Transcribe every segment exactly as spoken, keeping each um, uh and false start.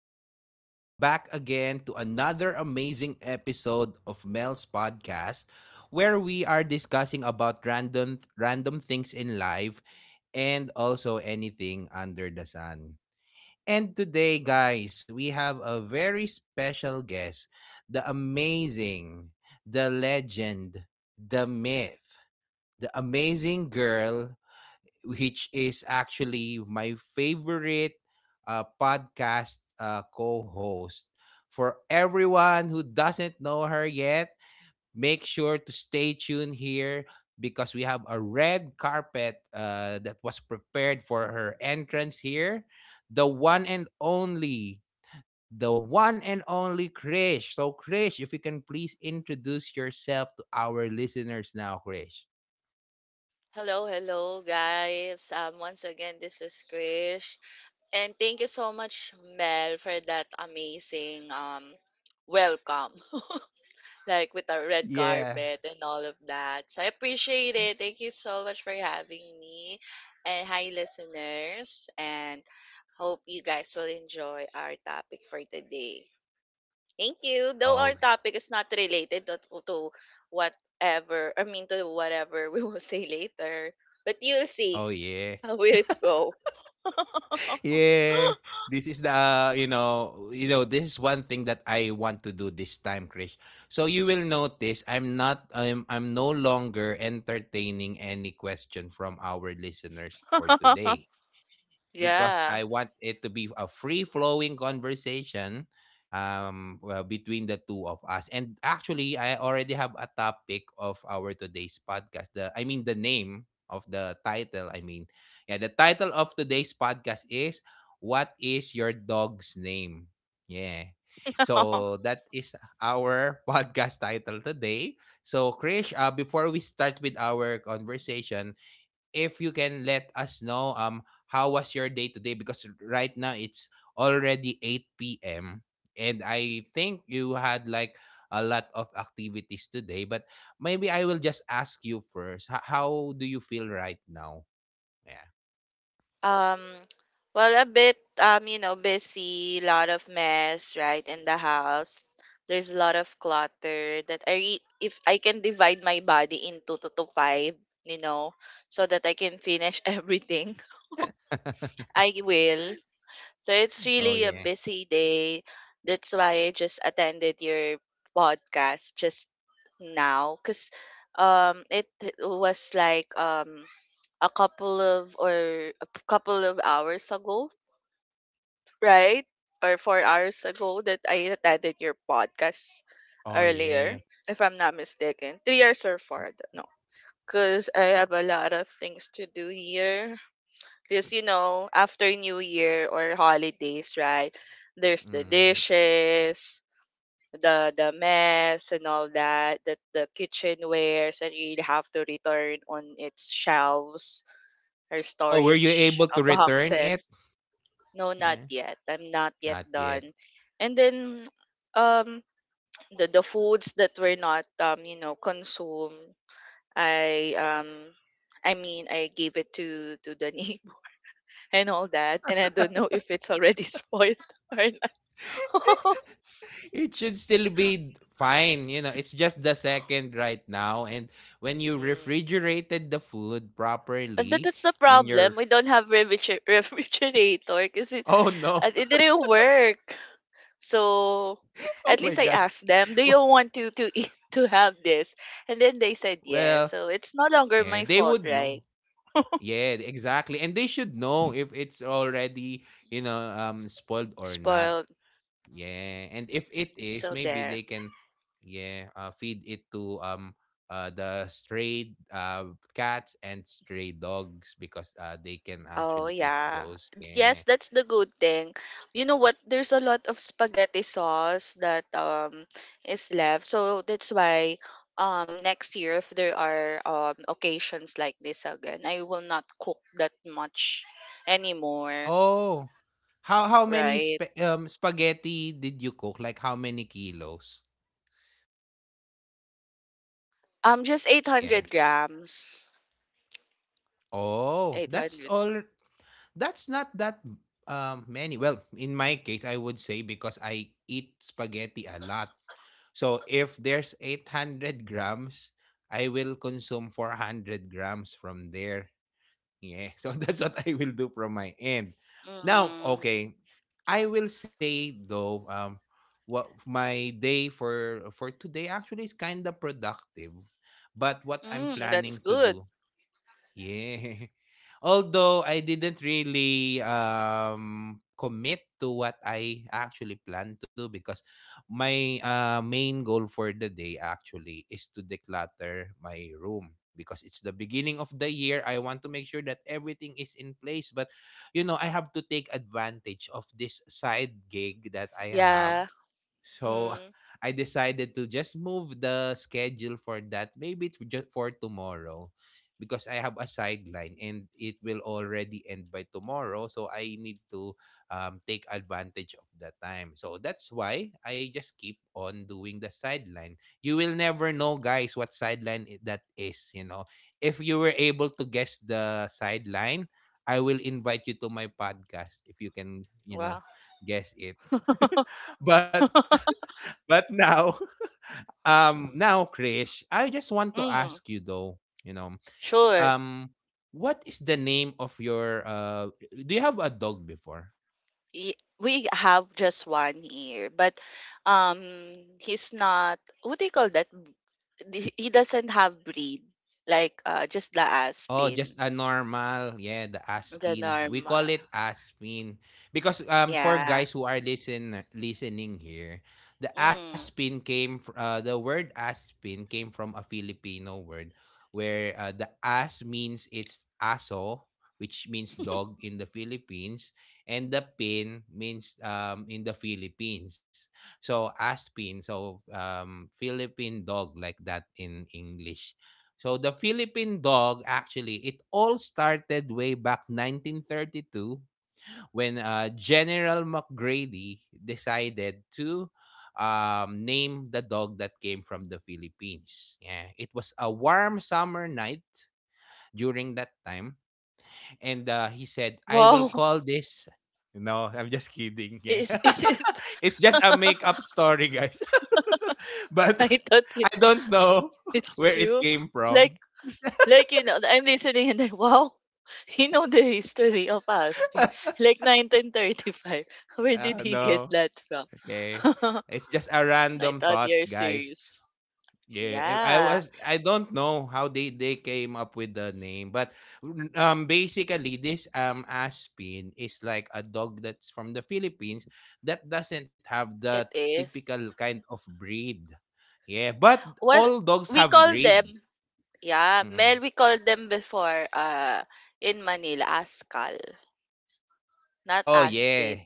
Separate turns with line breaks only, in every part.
and welcome back again to another amazing episode of Mel's podcast, where we are discussing about random random things in life and also anything under the sun. And today, guys, we have a very special guest, the amazing, the legend, the myth, the amazing girl, which is actually my favorite uh, podcast uh, co host. For everyone who doesn't know her yet, make sure to stay tuned here because we have a red carpet uh, that was prepared for her entrance here. The one and only, the one and only Krish. So, Krish, if you can please introduce yourself to our listeners now, Krish.
Hello, hello, guys. Um, once again, this is Krish. And thank you so much, Mel, for that amazing um, welcome, like with our red
Yeah.
carpet and all of that. So I appreciate it. Thank you so much for having me. And hi, listeners. And hope you guys will enjoy our topic for today. Thank you. Though
Oh,
our topic is not related to, to whatever, I mean, to whatever we will say later. But you'll see.
oh yeah.
How will it go?
yeah, this is the uh, you know you know this is one thing that I want to do this time, Krish. So you will notice I'm not I'm I'm no longer entertaining any question from our listeners for today, because
Yeah.
I want it to be a free flowing conversation. Um well, between the two of us, and actually I already have a topic of our today's podcast, the I mean the name of the title, I mean, yeah, the title of today's podcast is what is your dog's name. Yeah, so that is our podcast title today. So Krish, uh, before we start with our conversation, if you can let us know um how was your day today, because right now it's already eight p m and I think you had like a lot of activities today, but maybe I will just ask you first, h- how do you feel right now? Yeah.
Um, well, a bit, um, you know, busy, lot of mess, right, in the house. There's a lot of clutter that I re if I can divide my body into two to five, you know, so that I can finish everything, I will. So it's
Oh
really a
yeah.
busy day. That's why I just attended your podcast just now, because um it was like um a couple of or a couple of hours ago, right? Or four hours ago that I attended your podcast
Oh
earlier,
yeah.
if I'm not mistaken. Three years or four, I don't know. Because I have a lot of things to do here. Because, you know, after New Year or holidays, right? There's the
Mm.
dishes, the the mess and all that. That the kitchenwares that you have to return on its shelves or
Oh, were you
storage
able
uh,
to return it?
boxes. No, not
Yeah.
yet. I'm not yet
Not yet.
done. And then um the, the foods that were not um, you know, consumed, I um I mean I gave it to to the ne- and all that. And I don't know if it's already spoiled or not.
It should still be fine. You know, it's just the second right now. And when you
Mhm.
refrigerated the food
And that,
properly
that's the
in
problem.
your,
We don't have refriger- refrigerator because it,
oh
uh,
no.
it didn't work. So
Oh my
at
god.
least I asked
Well,
them, do you want to, to eat, to have this? And then they said
well,
yes. So it's no longer
yeah,
my
they
fault,
would know.
right?
Yeah, exactly. And they should know if it's already, you know, um spoiled or not.
Spoiled. Mhm.
Yeah, and if it is,
So
maybe
there.
they can, yeah, uh, feed it to um uh the stray uh cats and stray dogs, because uh they can
Oh
actually eat
yeah.
those.
Yes,
Yeah.
that's the good thing. You know what? There's a lot of spaghetti sauce that um is left. So that's why um next year, if there are um occasions like this again, I will not cook that much anymore,
Oh, how how many
right?
sp- um spaghetti did you cook? Like how many kilos?
Um just
Yeah.
eight hundred grams.
Oh, that's
eight hundred.
all. That's not that um, many. Well, in my case, I would say because I eat spaghetti a lot. So if there's eight hundred grams, I will consume four hundred grams from there. Yeah. So that's what I will do from my end. Now,
Mm.
okay. I will say though, um, what my day for for today actually is kind of productive. But what I'm
Mm,
planning
that's
to
good.
do, yeah. Although I didn't really um commit to what I actually plan to do, because my uh, main goal for the day actually is to declutter my room because it's the beginning of the year. I want to make sure that everything is in place, but you know I have to take advantage of this side gig that I have.
Yeah.
So
Mm.
I decided to just move the schedule for that. Maybe it's just for tomorrow, because I have a sideline and it will already end by tomorrow. So I need to um, take advantage of the time. So that's why I just keep on doing the sideline. You will never know, guys, what sideline i- that is. You know, if you were able to guess the sideline, I will invite you to my podcast if you can, you know,
Wow.
guess it. but But now, um, now, Krish, I just want to ask you
Mm.
though, you know,
Sure.
um, what is the name of your uh? Do you have a dog before?
Y- we have just one year, but um, he's not. What do you call that? B- d- He doesn't have breed, like uh, just the
Oh,
aspen,
just a normal, yeah, the
the
aspin. We
normal.
call it aspin because um for
Yeah.
guys who are listen listening here, the
Mm.
aspin came fr- uh the word aspin came from a Filipino word where uh, the as means it's aso, which means dog in the Philippines, and the pin means um in the Philippines. So aspin, so um Philippine dog like that in English. So the Philippine dog, actually it all started way back nineteen thirty-two, when uh, General McGrady decided to um, name the dog that came from the Philippines. Yeah, it was a warm summer night during that time, and uh, he said, "I will
Wow.
call this—" No, I'm just kidding. Yeah.
Is is it?
It's just a make-up story, guys. But
I thought
I
it,
don't know
it's
where it
true.
came
Like
from.
like you know, I'm listening and then, wow, he know the history of aspen, like nineteen thirty-five. Where did
Uh,
he get
no.
that from?
Okay. It's just a
Mm, I
random
thought
thoughts,
you're
guys.
serious.
Yeah, I I
Yeah,
was, I don't know how they they came up with the name, but um basically this um Aspin is like a dog that's from the Philippines that doesn't have the
it
typical
is.
kind of breed. Yeah, but all
What
dogs have
we call
breed.
them, yeah,
Mhm.
Mel, we call them before uh in Manila askal, not
Oh yeah,
aspin.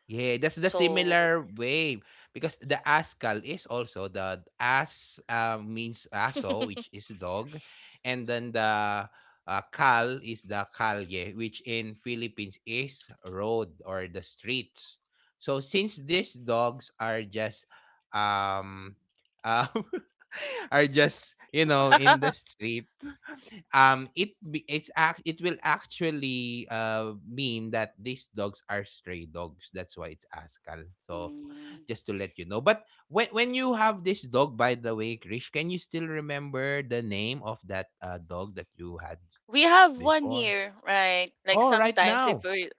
yeah, that's the
So
similar way, because the Askal is also the As, uh, means Aso, which is dog, and then the uh, Kal is the Kalye, which in Philippines is road or the streets. So since these dogs are just um, um are just you know in the street, um it be- it's act it will actually uh mean that these dogs are stray dogs, that's why it's askal. So
mm,
just to let you know, but when when you have this dog, by the way, Krish, can you still remember the name of that uh dog that you had
we have one
before?
here, right? Like
Oh, right
sometimes if
now?
we,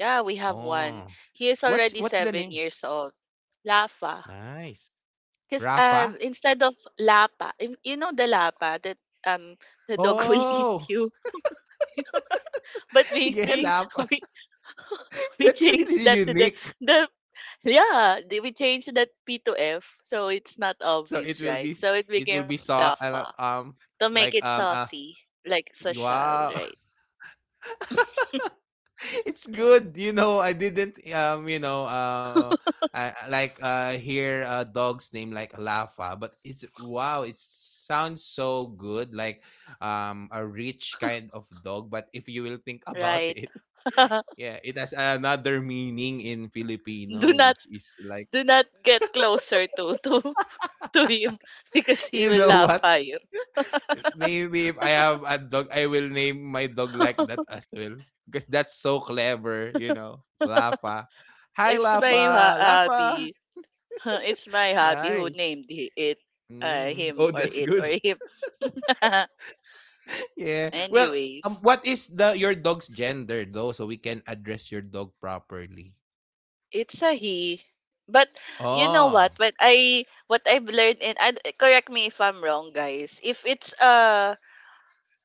yeah, we have one.
Oh,
He is
what's
already
what's the
seven
name?
years old. Lafa.
Nice.
Because
Rafa.
um instead of lapa, in- you know the lapa that um the dog will eat
Oh.
you. But we
Yeah,
we,
Rafa.
we we
That's
changed
really
that to the
unique.
the yeah, the- we changed that p to f, so it's not
So it
obvious,
will
right?
be,
So it
it
became
will be so
Lafa,
uh, um
to make
like
it
um uh
saucy, like social,
wow.
right?
It's good, you know. I didn't um you know uh I, I like uh hear a dog's name like Lafa, but it's wow, it sounds so good, like um a rich kind of dog. But if you will think about
Right.
it, yeah, it has another meaning in
do
Filipino,
not
which is like,
do not get closer to to to him, because he
you
will
know
laugh
what,
at you.
maybe if I have a dog, I will name my dog like that as well. Because that's so clever, you know. Lafa. Hi,
It's my ha-
Lafa. Lafa.
hobby. It's my hobby who
Nice.
named hi- it, uh,
Mm.
him
Oh,
or
that's
it
good.
or him.
Yeah. Well, um,
Anyways.
what is the your dog's gender though, so we can address your dog properly?
It's a he. But you know what?
Oh,
What I What I've learned, and and eh, correct me if I'm wrong, guys. If it's uh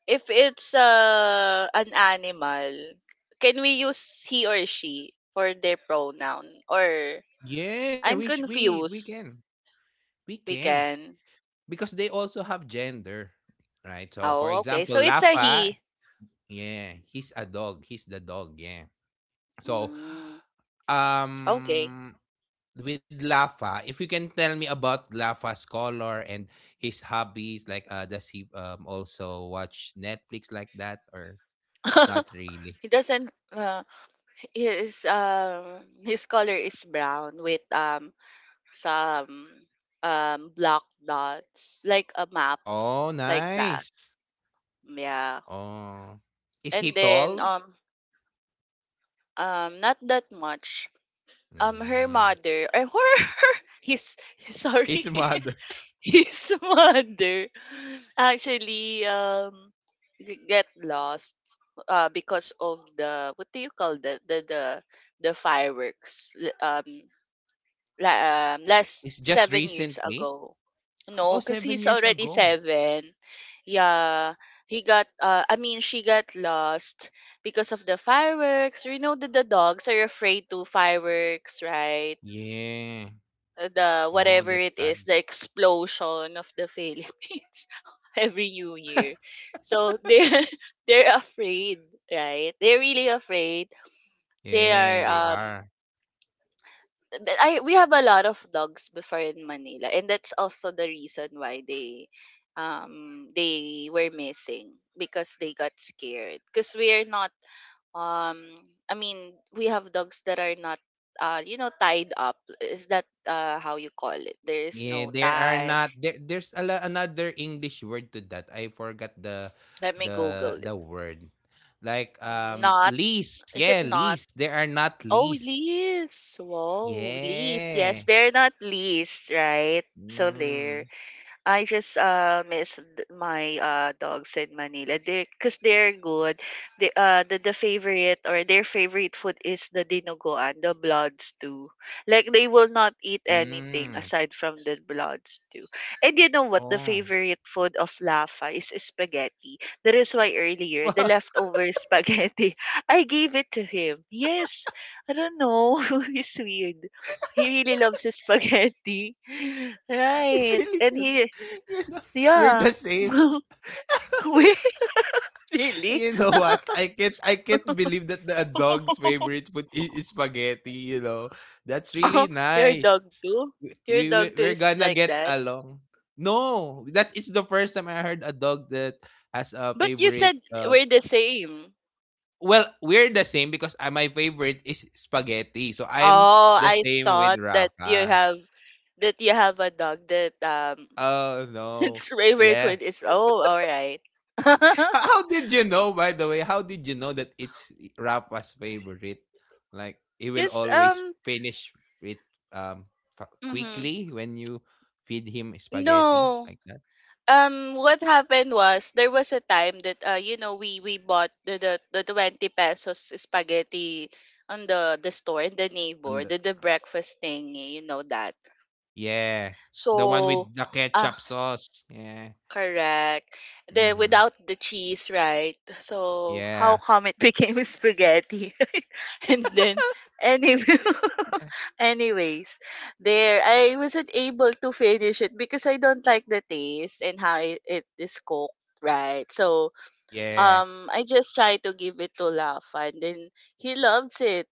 if it's uh an animal, can we use he or she for their pronoun? Or
yeah. We
I'm
sh- we we
confused.
can we
We
can,
can.
because they also have gender, right? So, for
Oh, okay.
example,
So it's a
Lafa.
he.
Yeah, he's a dog. He's the dog. Yeah. So,
Mm, okay.
um, with Lafa, if you can tell me about Lafa's color and his hobbies, like uh, does he um, also watch Netflix like that or not really?
He doesn't. Uh, his um his color is brown with um some um black dots, like a map,
Oh,
like that,
nice.
yeah.
Oh, is he
And then
tall?
um um not that much. Um her
Mm.
mother, or her, her, his, sorry,
His mother.
his mother actually um g- get lost, uh because of the, what do you call that, the the the fireworks, l- um la- um, last
It's just
seven years
recently.
ago.
Oh,
No, because
seven
he's
years
already
ago.
seven. Yeah, he got. Uh, I mean, she got lost because of the fireworks. You know that the dogs are afraid to fireworks, right?
Yeah.
Uh, The
Oh,
whatever
that's
it
sad.
is, the explosion of the Philippines every New Year. So they're they're afraid, right? They're really afraid. They are
Yeah, they
um
are.
th- I, we have a lot of dogs before in Manila, and that's also the reason why they um they were missing, because they got scared. Because we are not um I mean, we have dogs that are not uh you know, tied up. Is that uh how you call it? There is
Yeah,
no
there are
tie.
not, there, there's a la- another English word to that. I forgot the
Let me Google
the
it.
the word. Like
Mhm.
um
Not,
least.
is it
Yeah,
not?
least. There are not
Oh,
least.
leash. Whoa, leash. Yes,
Yeah.
they're not leashed, right? So there.
Mm.
I just uh miss th- my uh dogs in Manila. They, because they're good. The uh the, the favorite, or their favorite food, is the dinuguan, the blood stew. Like they will not eat
Mm.
anything aside from the blood stew. And you know what? The
Oh.
favorite food of Lafa is spaghetti. That is why earlier, the
Wow.
leftover spaghetti, I gave it to him. Yes, I don't know. He's weird. He really loves his spaghetti.
It's
Right.
really good.
And he,
You know, we're the
yeah.
same.
Wait. Really?
You know what? I can't I can't believe that the a dog's favorite food is, is spaghetti, you know. That's
Oh,
really
your dog
nice.
too?
We, we
Your
we-
dog too
we're
is
gonna
like
get
that?
along. No, that is the first time I heard a dog that has a
But you
favorite
said
uh
we're the same.
well, we're the same because uh, my favorite is spaghetti. So I'm
Oh,
the
I
same with
thought that you
Rafa.
have that you have a dog that um
Oh no.
its favorite
Yeah.
food is, oh, all right.
How, how did you know, by the way? How did you know that it's Rafa's favorite? Like he will
Cause
always
um
finish it um fa-
mhm.
quickly when you feed him spaghetti
No.
like that.
Um what happened was, there was a time that uh you know, we we bought the the, the twenty pesos spaghetti on the the store in the
On
neighbor,
the,
the the breakfast thing, you know that.
yeah, the one
So
with the
uh,
ketchup sauce. Yeah.
correct. Then
Mm-hmm.
without the cheese, right? So how
Yeah.
come it became spaghetti? And then anyway, anyways, there I wasn't able to finish it, because I don't like the taste and how it, it is cooked, right? So
Yeah.
um I just try to give it to Lafa, and then he loves it.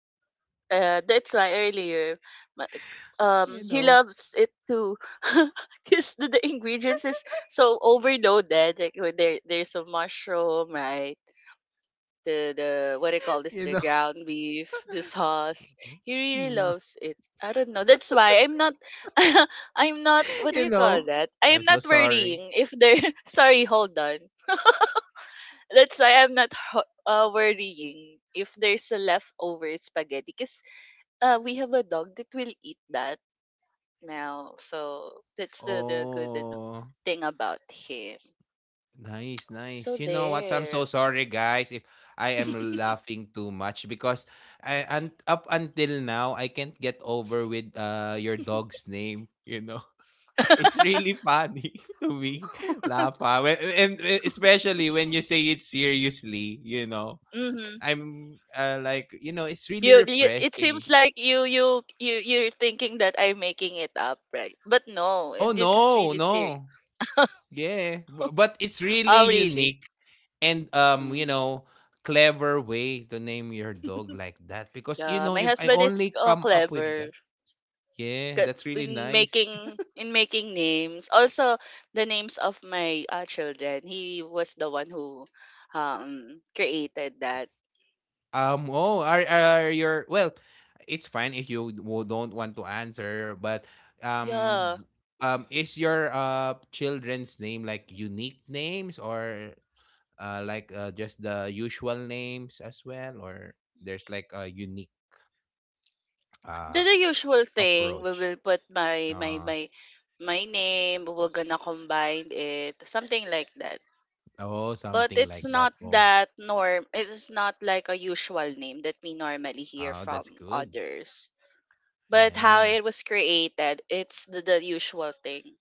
Uh, that's why earlier, ma- um,
You
he
know.
loves it too, because the, the ingredients is so overloaded. Like when there, there's a mushroom, right? The the what do you call this?
You
The
know.
ground beef, the sauce. He really
Mm.
loves it. I don't know. That's why I'm not. I'm not. What do
You
you call
know.
that? I
I'm
am
so
not
sorry.
worrying if there. Sorry, hold on. That's why I'm not ho- uh, worrying if there's a leftover spaghetti. Cause. Uh, we have a dog that will eat that now. So that's the, the good ad-
Oh.
thing about him.
Nice,
So
nice. You know what? I'm so
there.
sorry, guys, if I am laughing too much because I, and up until now I can't get over with uh your dog's name. You know, it's really funny to me, Lapa. When, and and especially when you say it seriously, you know,
Mm-hmm.
I'm uh, like you know, it's really
you, you it seems
refreshing.
like you you you you're thinking that I'm making it up, right? But no,
Oh
and this is
no,
really serious.
no, yeah, but, but it's
Oh
really
really?
unique and um you
Mm.
know clever way to name your dog like that, because you
Yeah,
know
my
if I
husband is
only
uh,
come up with
clever.
that, yeah,
Ka-
that's really
in
nice.
making in making names also, the names of my uh, children, he was the one who um created that.
um oh, are,
So,
are your well, it's fine if you w- don't want to answer, but um
yeah,
um is your uh children's name like unique names, or uh like uh, just the usual names as well, or there's like a unique
the,
uh
the usual thing, we
approach,
will put my
uh
my my my name, we're gonna combine it, something like that.
oh,
But
something like
it's
that.
not
Oh.
that norm, it's not like a usual name that we normally hear
Oh, that's
from
good.
others. But how
Yeah.
it was created, it's the, the usual thing.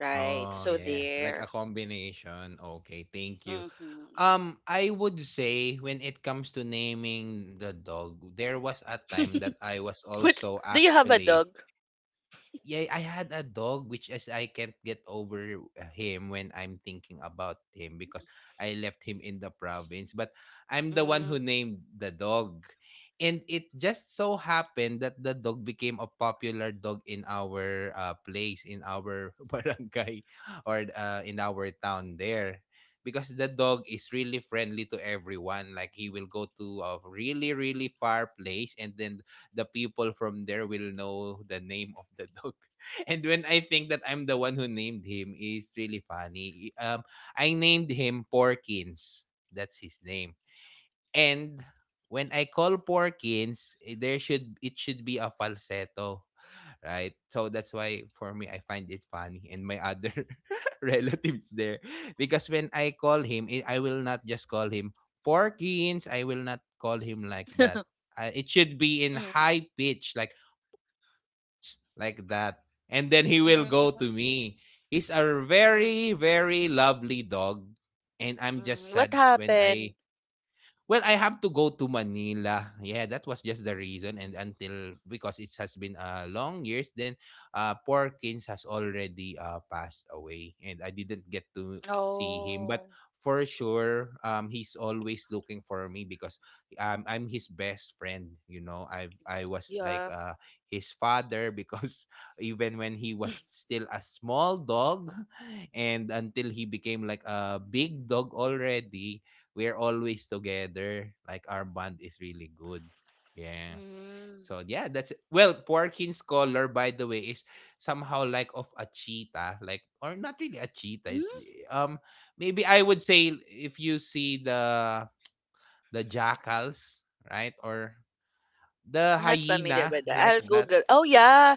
Right.
Oh,
So
yeah. Like
there.
a combination. Okay, thank you.
Mm-hmm.
Um, I would say when it comes to naming the dog, there was a time that I was
What's,
also
do you have a
actually,
dog?
yeah, I had a dog which is I can't get over uh, him when I'm thinking about him, because I left him in the province, but I'm the one who
Mm,
named the dog. And it just so happened that the dog became a popular dog in our uh, place, in our barangay or uh, in our town there. Because the dog is really friendly to everyone. Like he will go to a really, really far place, and then the people from there will know the name of the dog. And when I think that I'm the one who named him, is really funny. Um, I named him Porkins. That's his name. And when I call Porkins, eh, there should it should be a falsetto, right? So that's why for me I find it funny, and my other relatives there, because when I call him, eh, I will not just call him Porkins. I will not call him like that. I, it should be in
mm,
high pitch like like that. And then he will go
mm,
to me. He's a
mm,
very very lovely dog, and I'm just
mm. What
sad when
happened?
I. Well, I have to go to Manila. Yeah, that was just the reason. And until, because it has been uh, long years, then uh, Porkins has already uh, passed away, and I didn't get to see him. But
Oh,
for sure, um, he's always looking for me because um, I'm his best friend. You know, I I was like
yeah.
uh, his father, because even when he was still a small dog, and until he became like a big dog already, we're always together. Like our bond is really good. Yeah.
Mm.
So yeah, that's, well, Porkin's color, by the way, is somehow like of a cheetah, like, or not really a cheetah. It-
Mm?
eh, Um, maybe I would say if you see the the jackals, right, or the
I'm not familiar
hyena,
with that.
like
I'll
that.
Google. Oh yeah,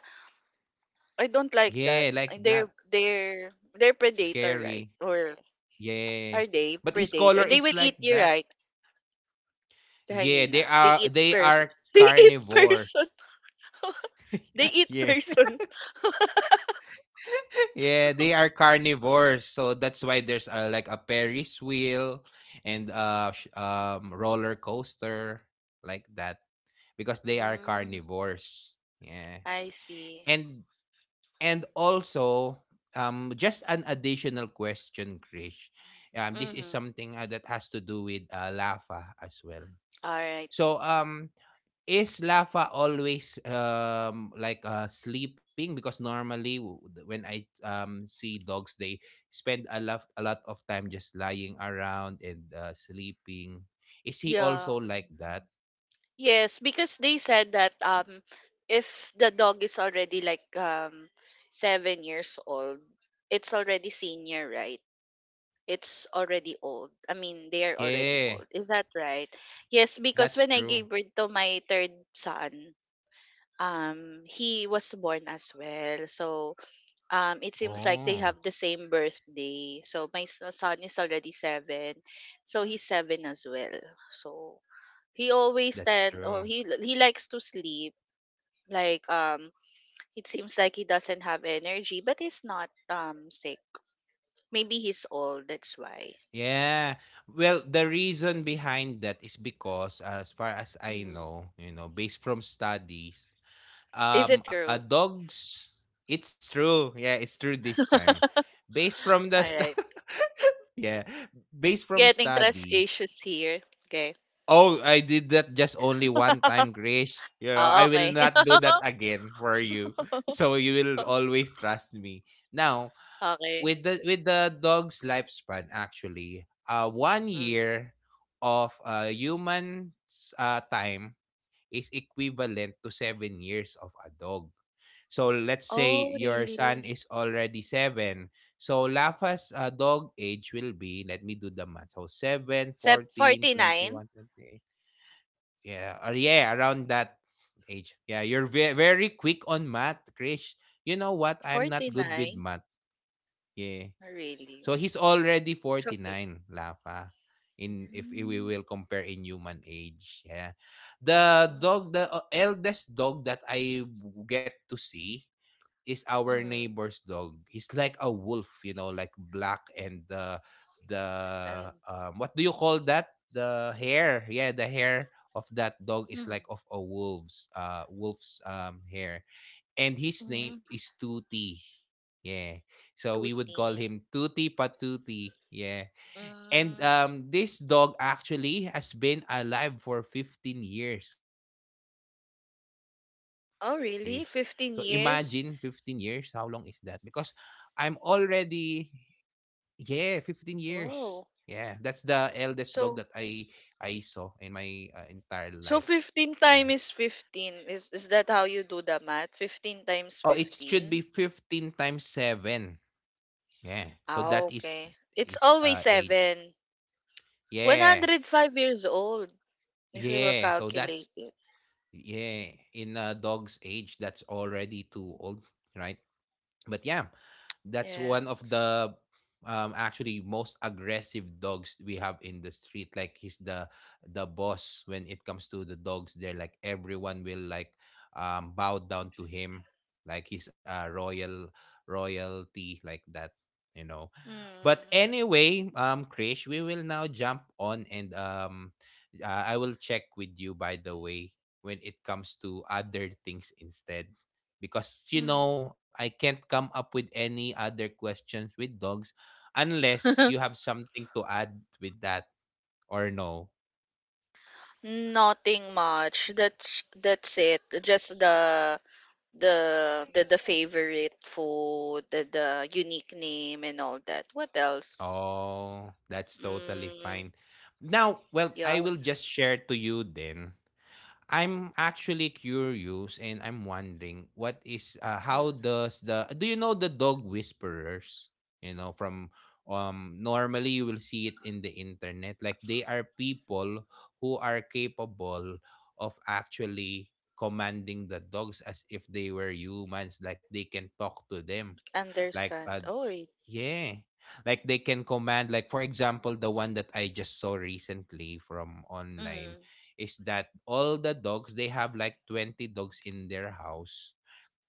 I don't like
Yeah,
that.
like
Uh,
that.
They're they're they're predator,
Scary.
right? Or
Yeah,
are they
but his color
predator? They
is
will
like
eat you,
that.
right? The
Yeah, they
hyena. They
are
eat
they
person.
are
They eat person.
carnivores.
They eat
Yeah.
person.
Yeah, they are carnivores, so that's why there's uh, like a Ferris wheel and uh sh- um roller coaster like that, because they are
Mm,
carnivores. Yeah.
I see.
And and also um just an additional question, Krish. Um this is something uh, that has to do with uh, lava as well.
Alright.
So um is Lafa always um like uh sleeping, because normally w- when I um see dogs, they spend a lot a lot of time just lying around and uh, sleeping. Is he
Yeah.
also like that?
Yes, because they said that um if the dog is already like um seven years old, it's already senior, right? It's already old. I mean, they are already
Yeah,
old. Is that right? Yes, because
that's
when I gave
true.
birth to my third son, um, he was born as well. So, um, it seems like they
Oh,
have the same birthday. So my s- son is already seven, so he's seven as well. So he always
that's
tend,
true.
or he he likes to sleep, like um it seems like he doesn't have energy, but he's not um sick, maybe he's old, that's why.
Yeah. Well, the reason behind that is because as far as I
Mhm.
know, you know, based from studies,
Is
um
it
a
true?
dog's, it's true, yeah, it's true this time, based from the
All
st-
right.
yeah, based from
Getting trust
studies.
issues here. Okay.
Oh, I did that just only one time, Grish. You know
Ah,
I will
okay.
not do that again for you, so you will always trust me now.
Okay.
With the with the dog's lifespan, actually, uh one
Mm.
year of uh human uh time is equivalent to seven years of a dog. So let's say
Oh
your son
really?
is already seven, so Lafa's uh, dog age will be, let me do the math. So seven,
Sep
fourteen,
49.
twenty-one, twenty-eight. Yeah, or yeah, around that age. Yeah, you're ve- very quick on math, Krish. You know what? I'm not good with
forty-nine.
math. Yeah.
Oh,
So
really.
he's already
It's okay.
forty-nine, Lafa. In, if I- we
Mm.
will compare in human age, yeah. The dog,
Mm.
the uh, eldest dog that I w- get to see is our
Mm.
neighbor's dog. He's like a wolf, you know, like black, and the the
And
um, what do you call that? The hair, yeah, the hair of that dog is like
mm,
of a wolf's uh wolf's um hair, and his name
mm,
is Tuti. Yeah. So we would call
tooty.
him Tuti Patuti. Yeah. And
Mm.
um this dog actually has been alive for fifteen years, Chris. So imagine fifteen
Oh,
years, how
really?
long is that?
fifteen
Because
years?
I'm already, yeah, fifteen years. Yeah, that's the
Wow.
eldest dog that I I
So,
saw in my uh, entire life.
so
Yeah.
fifteen times fifteen. Is is that how you do the math? fifteen
Oh,
times
it should be
fifteen?
fifteen times seven. Yeah. So
Ah,
that is
okay. It's
is
always
uh age.
seven.
Yeah.
one hundred and five years old, if we will
Yeah. So
calculate
that's,
it.
yeah. In a dog's age, that's already too old, right? But yeah, that's
Yeah.
one of the um actually most aggressive dogs we have in the street. Like he's the the boss when it comes to the dogs there. Like everyone will like um bow down to him, like he's a royal royalty, like that, you know. But
Mm.
anyway, um Krish, we will now jump on, and um uh, I will check with you, by the way, when it comes to other things instead, because you
Mm.
know I can't come up with any other questions with dogs, unless you have something to add with that, or no.
Nothing much. That's that's it. Just the the the the favorite food, the the unique name, and all that. What else?
Oh, that's totally
Mm,
fine. Now, well,
yeah.
I will just share to you then. I'm actually curious, and I'm wondering what is uh,
Mm,
how does the do you know the dog whisperers? You know, from um normally you will see it in the internet. Like they are people who are capable of actually commanding the dogs as if they were humans. Like they can talk to them. Like
understand.
uh,
Oh, right.
yeah. Like they can command, like for example the one that I just saw recently from online,
Mm,
is that all the dogs, they have like twenty dogs in their house,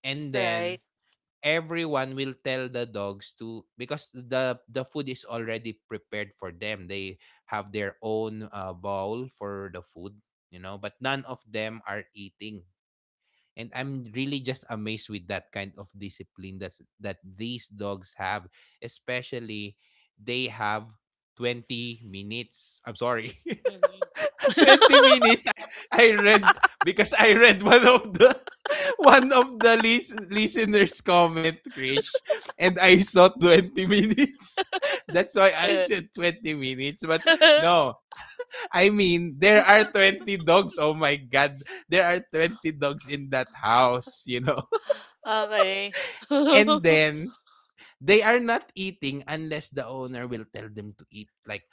and
right.
then everyone will tell the dogs to, because the the food is already prepared for them. They have their own uh, bowl for the food, you know, but none of them are eating, and I'm really just amazed with that kind of discipline that's that these dogs have, especially, they have twenty minutes, I'm sorry,
Mm-hmm.
twenty minutes. I, I read, because I read one of the one of the lis- listeners comment, Krish, and I saw twenty minutes, that's why I said twenty minutes, but no, I mean, there are twenty dogs. Oh my God. There are twenty dogs in that house, you know?
Okay.
And then they are not eating unless the owner will tell them to eat. Like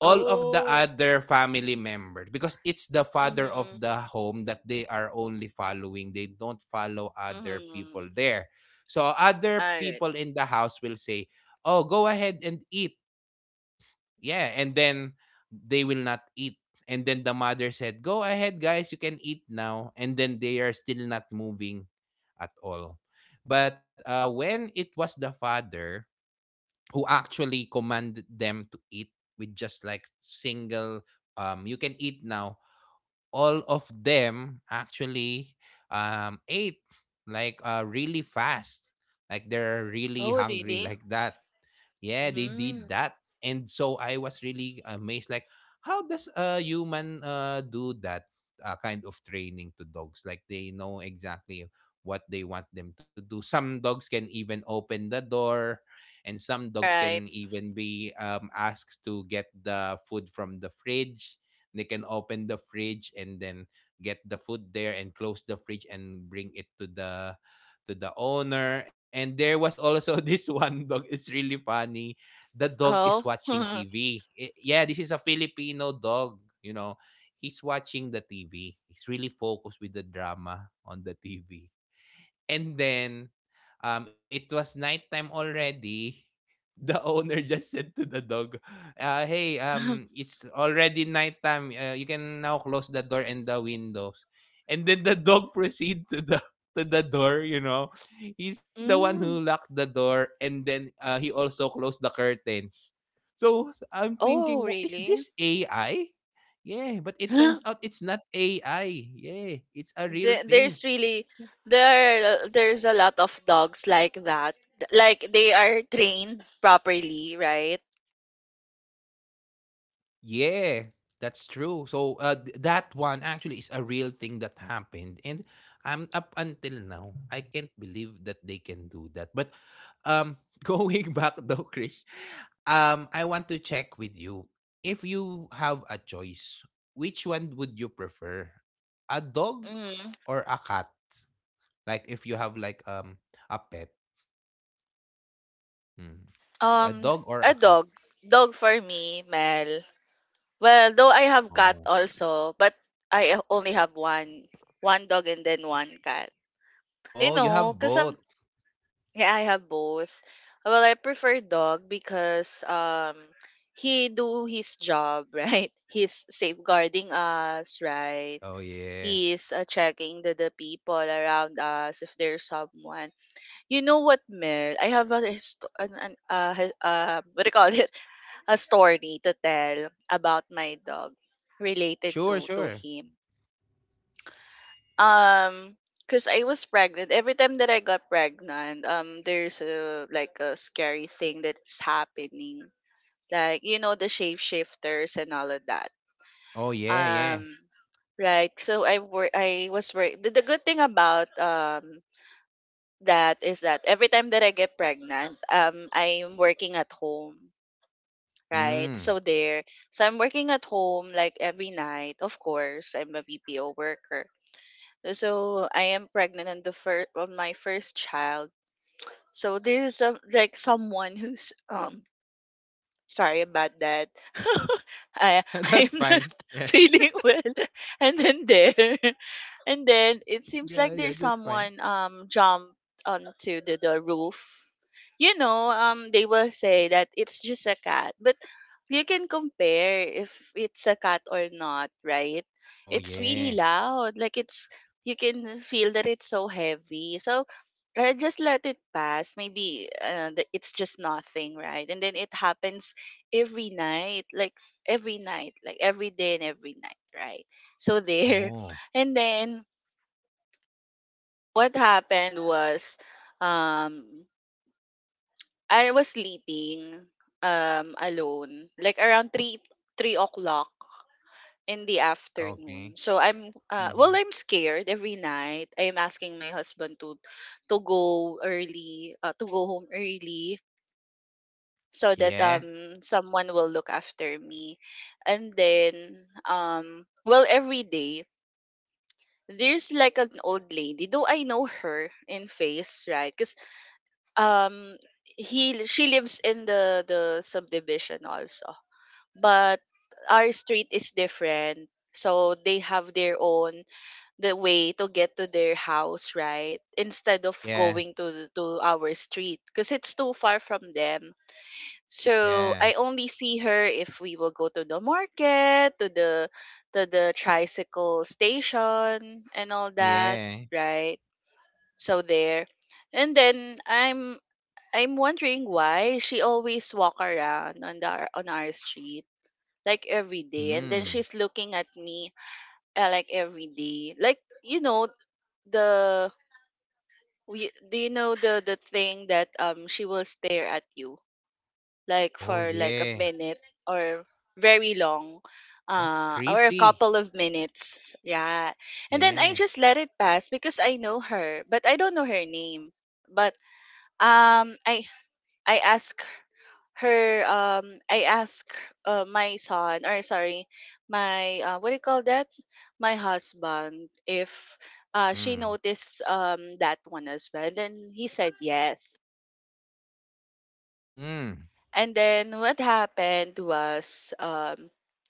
all of the
Oh.
other family members, because it's the father of
Mm-hmm.
the home that they are only following. They don't follow other people
Mm-hmm.
there. So other
All right.
people in the house will say, oh, go ahead and eat. Yeah, and then they will not eat. And then the mother said, "Go ahead, guys, you can eat now." And then they are still not moving at all. But uh, when it was the father who actually commanded them to eat with just like single, um, you can eat now. All of them actually um ate like uh really fast, like they're really
Oh,
hungry
really?
like that. Yeah, they did
Mm,
that. And so I was really amazed, like how does a human uh, do that uh, kind of training to dogs? Like they know exactly what they want them to do. Some dogs can even open the door, and some dogs
right.
can even be um, asked to get the food from the fridge. They can open the fridge, and then get the food there, and close the fridge, and bring it to the to the owner. And there was also this one dog, it's really funny, the dog is
Oh.
watching T V. I- yeah, this is a Filipino dog, you know. He's watching the T V. He's really focused with the drama on the T V. And then um, it was nighttime already. The owner just said to the dog, uh, "Hey, um, it's already nighttime. Uh, you can now close the door and the windows." And then the dog proceed to the to the door. You know, he's the one who
Mm.
locked the door, and then uh, he also closed the curtains. So I'm
Oh,
thinking, "Wha- is
really?
this A I" Yeah, but it turns out it's not A I. Yeah, it's a real
The-
thing.
there's really there there's a lot of dogs like that. Like they are trained properly, right?
Yeah, that's true. So uh, th- that one actually is a real thing that happened, and I'm, up until now I can't believe that they can do that. But um, going back though, Krish, um, I want to check with you, if you have a choice, which one would you prefer, a dog
Mm.
or a cat? Like if you have like um a pet, hmm, a
um
dog or
a
a cat?
dog dog for me, Mel. Well, though I have cat
Oh,
also, but I only have one one dog and then one cat. You
oh, you
know,
have
because I'm,
both.
yeah, I have both. Well, I prefer dog because um he do his job. Right? He's safeguarding us, right?
Oh yeah,
He's uh, checking the, the people around us if there's someone. You know what, Mel? I have a hist- an, an, uh, hi- uh, what do you call it? A story to tell about my dog, related
sure,
to to
sure.
him. Um, because I was pregnant. Every time that I got pregnant, um, there's a like a scary thing that's happening. Like, you know, the shapeshifters and all of that.
Oh, yeah, yeah.
Um, Right. So I work I was work, the, the good thing about um that is that every time that I get pregnant, um, I'm working at home, right?
Mm.
So there, so I'm working at home like every night. Of course, I'm a B P O worker, so I am pregnant on the first on my first child. So there's a, like someone who's um sorry about that. I
That's
I'm not
fine. Yeah.
feeling well, and then there. And then it seems like
Yeah,
there's
yeah, that's fine.
someone um jumped onto the, the roof. You know, um they will say that it's just a cat, but you can compare if it's a cat or not, right?
Oh,
It's really
yeah.
loud. Like it's You can feel that it's so heavy. So, uh, just let it pass. Maybe, uh, the, it's just nothing, right? And then it happens every night, like every night, like every day and every night, right? So there.
Oh,
And then what happened was, um I was sleeping um alone like around three three o'clock in the afternoon.
okay.
So I'm uh, well,
Mhm.
I'm scared every night. I'm asking my husband to to go early uh, to go home early so that
Yeah,
um someone will look after me. And then, um well, every day there's like an old lady, though I know her in face, right? um he She lives in the the subdivision also, but our street is different, so they have their own, the way to get to their house, right, instead of
yeah,
going to to our street because it's too far from them. So
yeah,
I only see her if we will go to the market, to the to the tricycle station and all that,
yeah.
right? So there. And then i'm I'm wondering why she always walk around on the on our street like every day, and then
Mm.
she's looking at me, uh, like every day. Like you know the we, do you know the the thing that um she will stare at you like
Oh,
for like a
yeah.
minute, or very long,
That's
uh or a
creepy.
couple of minutes, yeah? And then I
Yeah.
just let it pass because I know her, but I don't know her name. But um i I ask her, um I ask uh, my son, or sorry, my uh, what do you call that, my husband if, uh, she
Mm.
noticed um that one as well, and then he said yes.
Mm.
And then what happened was, um,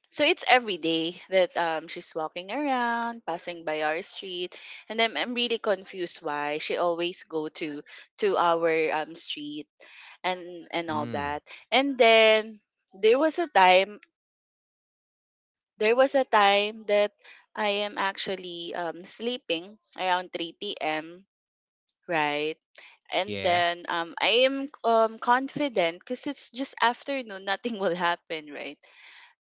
so it's every day that, um, she's walking around, passing by our street, and then I'm really confused why she always go to to our, um, street and and all
Mm.
that. And then there was a time there was a time that I am actually, um, sleeping around three p.m., right? And
Yeah,
then, um, I am, um, confident because it's just afternoon, nothing will happen, right?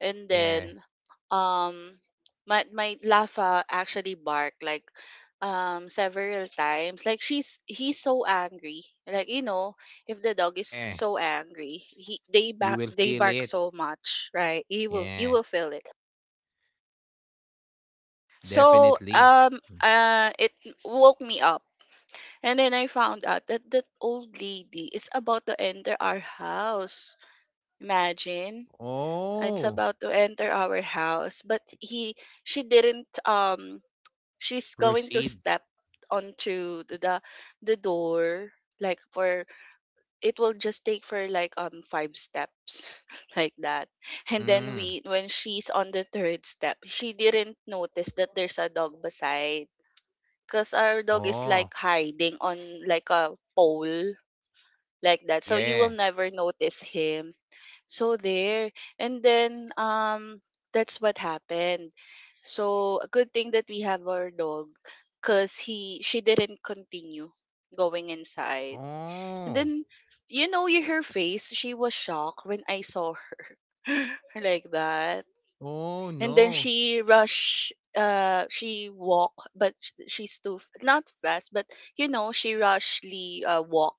And
yeah,
then, um, my my Lafa actually barked, like, um several times. Like she's he's so angry. Like, you know, if the dog is
yeah.
so angry, he they
You
bark
will
they
feel
bark
it.
so much, right? You will you
Yeah,
will feel it. So,
definitely.
um
Mm.
uh it woke me up. And then I found out that that old lady is about to enter our house. Imagine, it's
Oh,
about to enter our house, but he she didn't, um she's going to
proceed.
step onto the the, the door, like, for it will just take for like um five steps like that. And then we
Mm.
when she's on the third step, she didn't notice that there's a dog beside, because our dog is like
Oh,
hiding on, like, a pole like that. So you will
yeah.
never notice him. So there. And then, um that's what happened. So a good thing that we have our dog, because he she didn't continue going inside. And
Oh.
then, you know, you her face, she was shocked when I saw her like that.
Oh,
And then
no.
she rush uh she walk, but sh- she's too f- not fast, but you know, she rushly uh walk,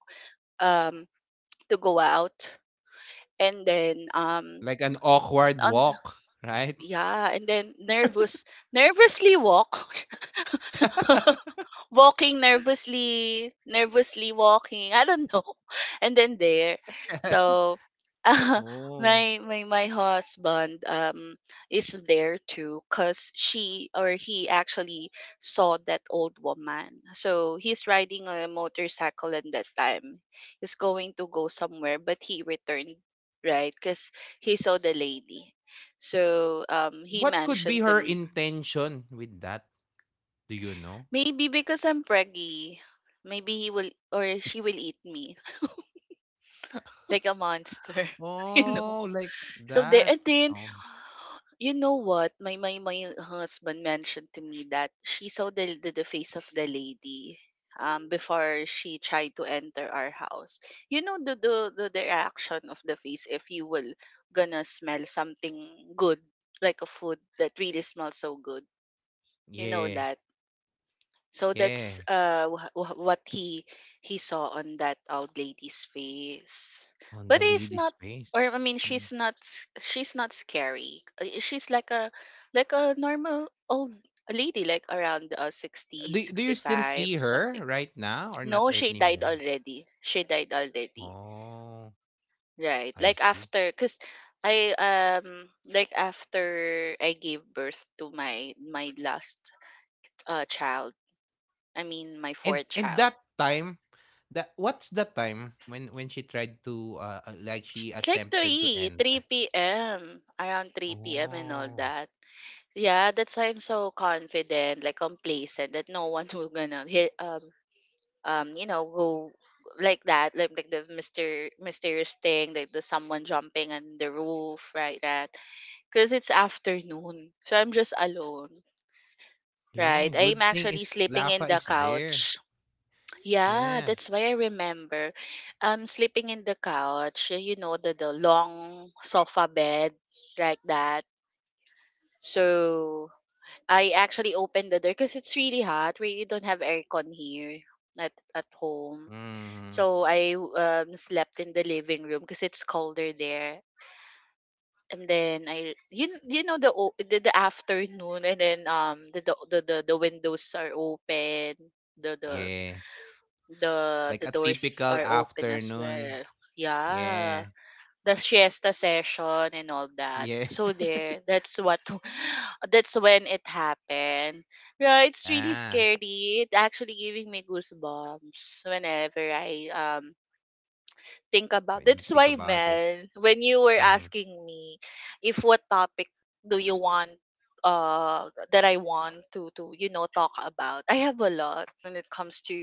um to go out, and then, um
Like an awkward
on
walk, right?
yeah, and then nervous nervously walk. Walking nervously, nervously walking. I don't know. And then there. So uh,
Oh.
my my my husband um is there too, cuz she or he actually saw that old woman. So he's riding a motorcycle at that time. He's going to go somewhere but he returned, right, cuz he saw the lady. So um he
What could be
mentioned to
her
me.
intention with that? Do you know?
Maybe because I'm preggy, maybe he will or she will eat me like a monster, you know.
Oh, like
So there.
that.
And then,
Oh,
you know what? My my my husband mentioned to me that she saw the the, the face of the lady um before she tried to enter our house. You know the the the, the reaction of the face if you will gonna smell something good, like a food that really smells so good. You know
yeah.
that. So that's
Yeah.
uh wh- wh- what he he saw on that old lady's face.
On
But
the
it's not,
lady's face.
or I mean, she's
Mm.
not s- she's not scary. Uh, She's like a like a normal old lady, like around, uh, sixty,
Do y- do
sixty
you still
five
see
something.
her right now or
No,
not
she died
anymore?
already. She died already.
Oh,
Right.
I
Like
see.
after, cuz I um like after I gave birth to my my last uh child. I mean, my
And
fourth
and
child.
that time, that what's the time when when she tried to uh uh, like she
Ch- Like
attempted to
3,
enter?
three P M, around three P M and all
Oh,
that. Yeah, that's why I'm so confident, like complacent, that no one will gonna hit, um um you know go like that, like like the mister mysterious thing, like the someone jumping on the roof, right? That, because it's afternoon, so I'm just alone, right?
yeah.
I'm
Good thing
actually
is
sleeping in
lava
the
is
couch.
there.
Yeah,
Yeah.
that's why I remember, um sleeping in the couch, eh, you know, the the long sofa bed like that. So I actually opened the door because it's really hot. We don't have aircon here at at home.
Mm-hmm.
So I um slept in the living room because it's colder there. And then, I you kn- you know, the o- the, the afternoon, and then, um the the the the the windows are open. The the
Yeah.
The the
Like a
doors are
typical
open as well.
afternoon.
Yeah.
Yeah.
The siesta session and all that.
Yeah.
So there, that's what that's when it happened. Yeah, it's really
yeah.
scary. It's actually giving me goosebumps whenever I um think about. That's
When you
why,
think about it.
Mel, when you were asking
Hmm.
me if what topic do you want, uh that I want to to you know talk about. I have a lot when it comes to,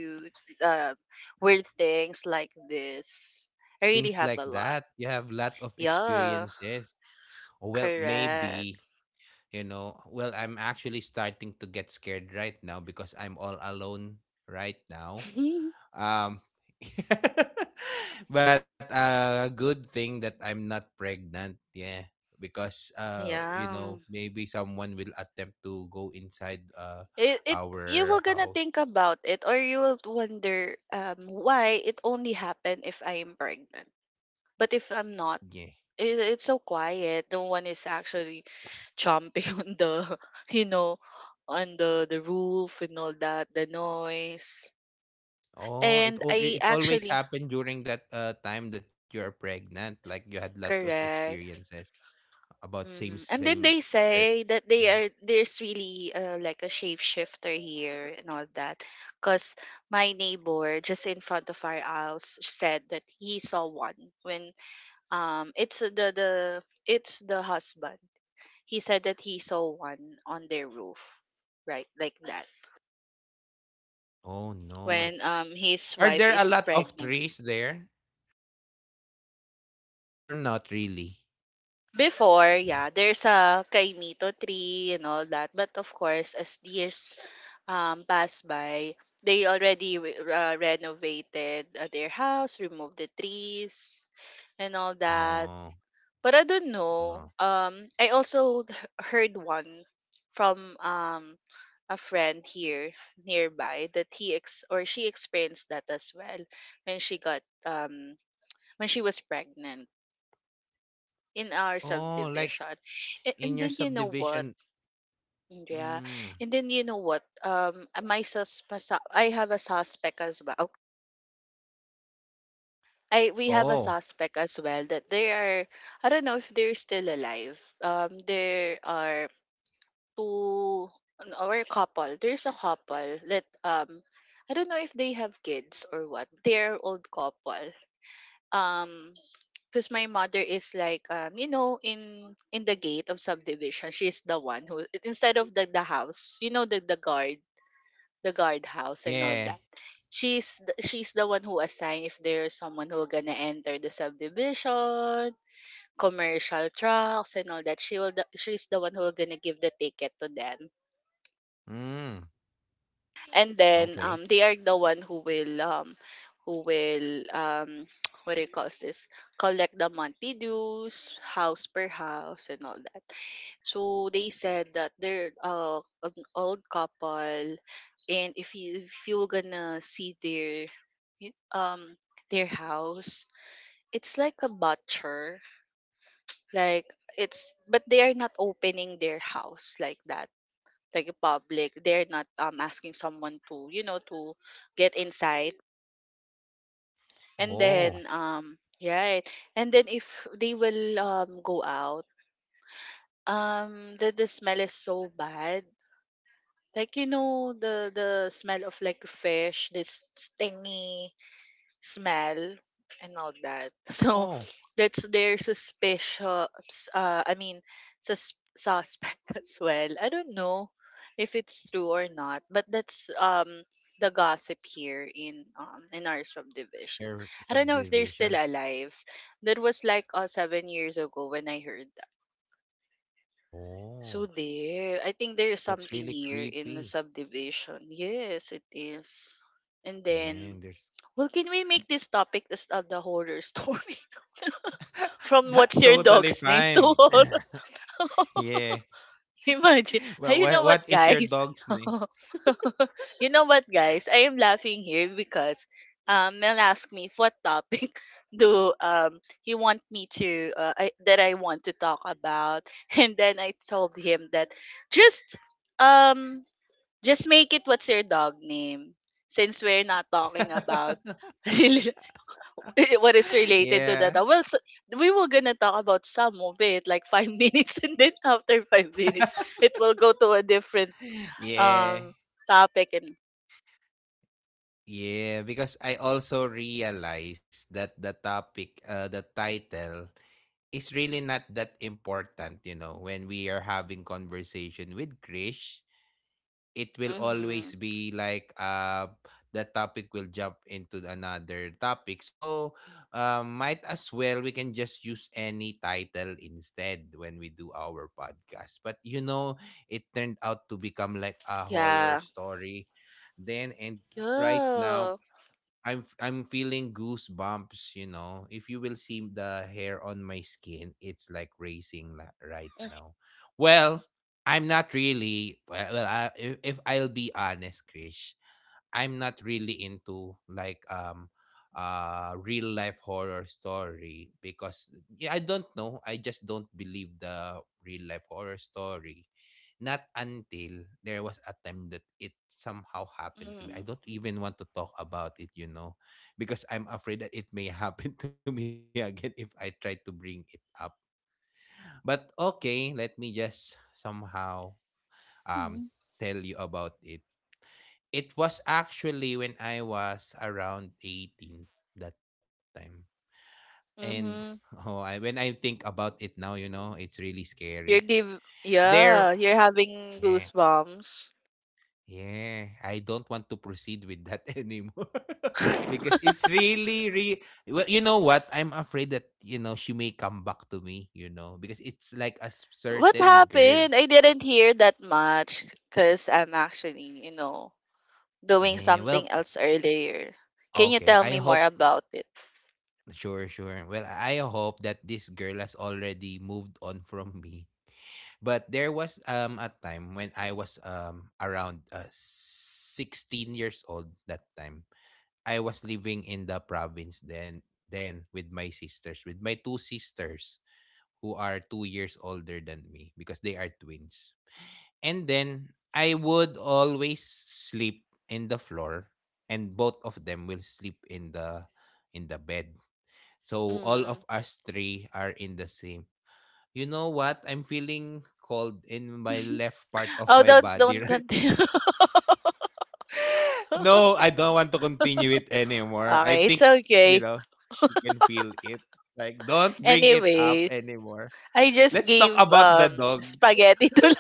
uh, weird things like this. I really
Things
have a
like
lot.
that. You have lot of
Yeah,
experiences. Or well,
correct.
maybe, you know, well, I'm actually starting to get scared right now because I'm all alone right now. Um, but uh, good thing that I'm not pregnant. Yeah, because uh, you
Yeah.
know, maybe someone will attempt to go inside uh
It it You will
our
gonna think
house.
about it, or you will wonder um why it only happened if I am pregnant. But if I'm not,
Yeah.
it, it's so quiet. No one is actually chomping on the, you know, on the the roof and all that, the noise.
Oh,
And
it all
I
it always
actually,
happened during that uh time that you are pregnant. Like you had lots of
correct. Correct.
experiences about same
Hmm. And then
same.
they
Ster-
say that they
Mhm.
are there's really, uh, like a shapeshifter here and all that, because my neighbor just in front of our house said that he saw one when, um it's the the it's the husband, he said that he saw one on their roof, right, like that,
Oh no.
when um his
Are
wife
there a
is
lot of
pregnant.
trees there or not really?
Before,
Yeah.
yeah, there's a kaimito tree and all that, but of course, as the years, um pass by, they already re- uh, renovated, uh, their house, removed the trees and all that.
Oh.
But I don't know.
Oh.
Um, I also h- heard one from um a friend here nearby that he ex or she experienced that as well when she got um when she was pregnant in our
Oh, like
subdivision. And,
in
and
your
then, you know what?
subdivision.
Yeah.
Mm.
And then, you know what? Um, my sus my su- I have a suspect as well. I we have a
Oh,
suspect as well that they are. I don't know if they're still alive. Um, there are to an- or a couple. There's a couple that um I don't know if they have kids or what. They're old couple. Um because my mother is like um you know in in the gate of subdivision, she's the one who instead of the the house, you know the the guard, the guard house and all
yeah.
that. She's the, she's the one who assign if there's someone who gonna enter the subdivision, commercial trucks and all that. She will the, she's the one who gonna give the ticket to them,
Mm.
and then
Okay.
um they are the one who will um who will um what do you call this, collect the monthly dues house per house and all that. So they said that they're uh, an old couple, and if you if you're gonna see their y- um their house, it's like a butcher, like, it's but they are not opening their house like that, like public. They're not um asking someone to, you know, to get inside. And
Oh.
then um yeah. And then if they will um go out, um the, the smell is so bad, like, you know, the the smell of like fish, this stingy smell and all that. So
Oh.
that's their suspicious. Uh, I mean, sus- suspect as well. I don't know if it's true or not, but that's um the gossip here in um in our
In
subdivision.
your
I don't know if they're
subdivision.
still alive. That was like uh, seven years ago when I heard that. So
Oh.
there, I think there is
That's
something
really
here in the
creepy.
subdivision. Yes, it is. And
Yeah,
then,
there's
well, can we make this topic this of the horror story from
That's
what's your
totally
dog's name to
fine.
horror?
yeah.
Imagine.
Well,
Hey, you
what
know what,
what is your
guys?
dog's name?
You know what, guys? I am laughing here because um, Mel asked me if what topic do um he want me to uh, I, that I want to talk about, and then I told him that just um just make it what's your dog name, since we're not talking about what is related to
yeah.
that. Uh, Well, so, we will gonna talk about some of it, like five minutes, and then after five minutes, it will go to a different
Yeah.
um topic. And
Yeah, because I also realized that the topic, uh, the title is really not that important, you know, when we are having conversation with Krish, it will
mm-hmm.
always be like uh the topic will jump into another topic. So um might as well we can just use any title instead when we do our podcast. But you know, it turned out to become like a horror
Yeah.
story. Then and right now
Yeah.
I'm f- I'm feeling goosebumps, you know. If you will see the hair on my skin, it's like racing la- right now. Well, I'm not really well, well I, if, if I'll be honest, Krish, I'm not really into like um uh real life horror story because yeah, I don't know. I just don't believe the real life horror story. Not until there was a time that it somehow happened to me. I
Mm.
don't even want to talk about it, you know, because I'm afraid that it may happen to me again if I try to bring it up. But okay, let me just somehow um
Mhm.
tell you about it. It was actually when I was around eighteen that time. And
Mm-hmm.
oh, I, when I think about it now, you know, it's really scary.
You're give
There,
yeah, you're having
yeah,
goosebumps.
yeah, I don't want to proceed with that anymore because it's really, re- well, you know what? I'm afraid that, you know, she may come back to me, you know, because it's like a s-
What
certain girl.
happened? I didn't hear that much because I'm actually, you know, doing
Yeah,
something
well,
else earlier. Can you
okay.
tell
I
me more
hope,
about it?
sure, sure. Well, I hope that this girl has already moved on from me. But there was um a time when I was um around uh, sixteen years old that time. I was living in the province then then with my sisters, with my two sisters who are two years older than me because they are twins. And then I would always sleep in the floor and both of them will sleep in the in the bed. So all
Mm.
of us three are in the same. You know what? I'm feeling cold in my left part of
Oh,
my
don't
body
don't
right.
continue.
No, I don't want to continue it anymore. I
Okay, it's
think, you
okay.
know, she can feel it. Like, don't bring it up
Anyways,
anymore.
I just
Let's talk
gave
about the
um
dog.
spaghetti to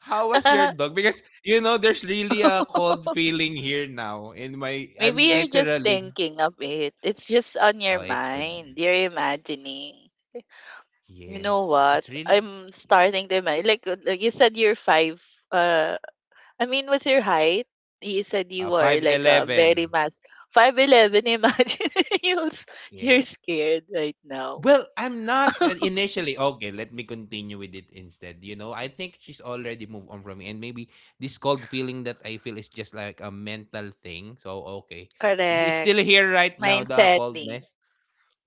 How was your
la.
dog? Because, you know, there's really a cold feeling here now in my,
Maybe
I'm
you're just
literally,
thinking of it. It's just on
oh,
your
it could, be.
mind. You're imagining. You
Yeah.
know what?
It's real,
I'm
yeah.
starting to imagine. Like, uh, like you said, you're five. Uh, I mean, what's your height? You said you
uh,
were
five
like a very
eleven.
mass five eleven. Imagine you're s- you're
Yeah.
scared right now.
Well, I'm not uh, initially okay. Let me continue with it instead. You know, I think she's already moved on from me, and maybe this cold feeling that I feel is just like a mental thing. So okay, because it's still
Correct.
here right now, the
Mindsetly.
coldness.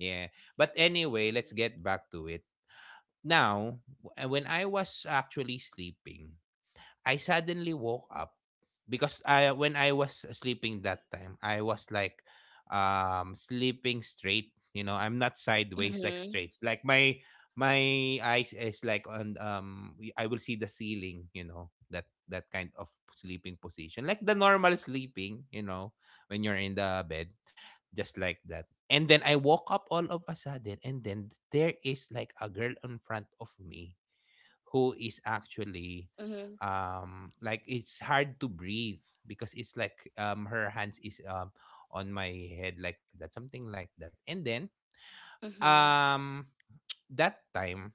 Yeah, but anyway, let's get back to it. Now, w- when I was actually sleeping, I suddenly woke up because I when I was sleeping that time, I was like um sleeping straight, you know, I'm not sideways like
Mhm,
straight. Like my my eyes is like on um y- I will see the ceiling, you know, that that kind of sleeping position. Like the normal sleeping, you know, when you're in the bed, just like that. And then I woke up all of a sudden and then there is like a girl in front of me who is actually
mhm,
um like it's hard to breathe because it's like um her hands is um on my head like that something like that and then
mhm,
um that time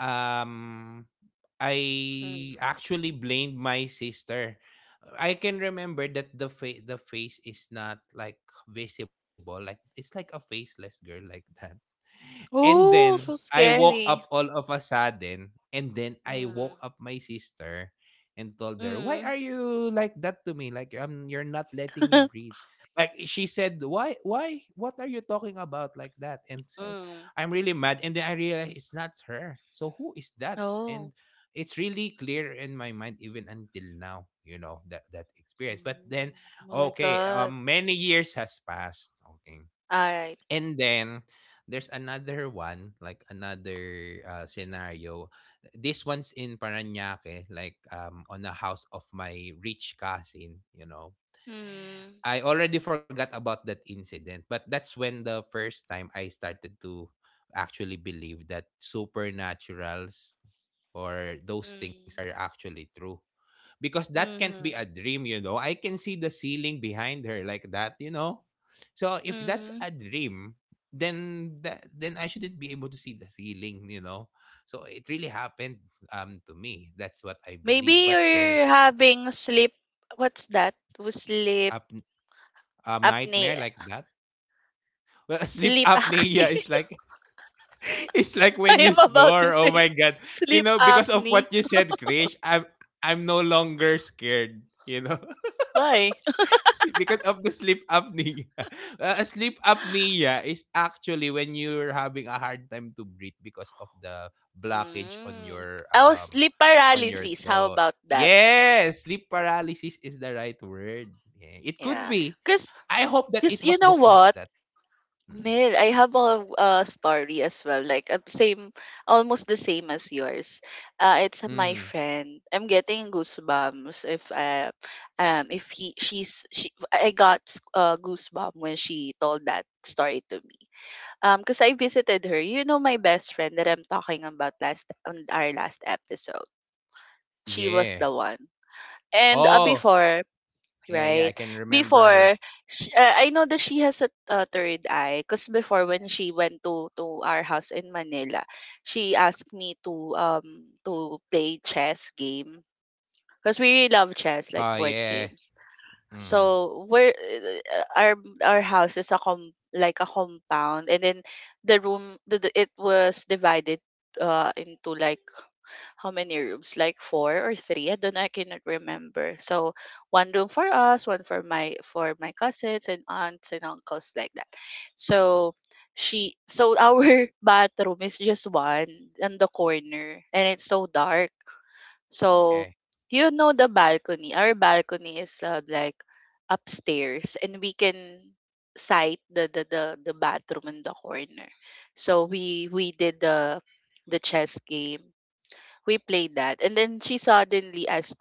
um
mm.
I actually blamed my sister. I can remember that the fa- the face is not like visible like it's like a faceless girl like that, and then
Oh, so
I woke up
scary.
all of a sudden, and then I
Mm,
woke up my sister and told her, "Why
mm,
are you like that to me? Like um, you're not letting me breathe." Like she said, "Why? Why? What are you talking about like that?" And said,
mm.
"I'm really mad." And then I realized it's not her. So who is that? And
Oh.
it's really clear in my mind even until now. You know that that experience. But then,
Mm. My
okay,
God.
um, many years has passed. Okay.
Alright.
And then there's another one, like another uh, scenario. This one's in Paranaque, like um, on the house of my rich cousin, you know.
Mm,
I already forgot about that incident, but that's when the first time I started to actually believe that supernaturals or those things
mm,
are actually true, because that can't be
mhm,
a dream, you know. I can see the ceiling behind her like that, you know. So if that's
mm.
a dream, then that then I shouldn't be able to see the ceiling, you know. So it really happened um to me. That's what I
Maybe
believe. But then
you're having sleep, what's that? W- Sleep
up um nightmare
apnea.
like that. Well, sleep
Sleep acne.
apnea is like it's like
I
when you
am about to
snore. Oh
say
my god. You
sleep
know, because of
acne.
what you said, Krish, I'm I'm no longer scared, you know.
Why?
See, because of the sleep apnea. Uh, sleep apnea is actually when you're having a hard time to breathe because of the blockage on
Mm.
your
Oh,
um
sleep
on your
paralysis. How
throat.
about that?
Yes, sleep paralysis is the right word. Yeah, it could
Yeah.
be.
Because
I hope that it
Because
was
you know
just like
what,
that. Mm.
Mel, I have a, a story as well. Like uh, same, almost the same as yours. Uh, it's my
Mhm.
friend. I'm getting goosebumps if uh, um if he she's she I got uh, goosebumps when she told that story to me. Um, because I visited her. You know my best friend that I'm talking about last on our last episode. She was
Yeah.
the one. And uh,
Oh,
before,
yeah, yeah. I
right?
can remember her.
Before, sh uh, I know that she has a uh, third eye, because before when she went to to our house in Manila, she asked me to um to play chess game, because we really love chess like
Oh,
board
yeah.
games.
Mm-hmm.
So we're uh, our our house is a com like a compound, and then the room the, the- it was divided uh into like how many rooms? Like four or three? I don't know. I cannot remember. So one room for us, one for my for my cousins and aunts and uncles like that. So she so our bathroom is just one in the corner, and it's so dark. So
Yeah.
you know the balcony. Our balcony is uh, like upstairs, and we can sight the, the the the bathroom in the corner. So we we did the the chess game, we played that, and then she suddenly asked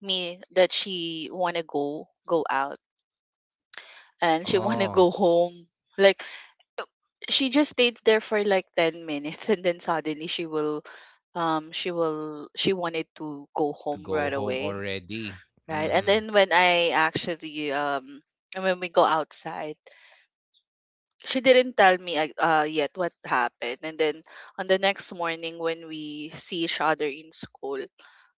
me that she want to go go out, and she want to
Oh,
go home, like, uh, she just stayed there for like ten minutes and then suddenly she will um she will she wanted to go
to
home
go
right
home
away,
already.
right. And
Mm-hmm.
then when I actually um and when we go outside, she didn't tell me ag- uh, yet what happened, and then on the next morning when we see each other in school,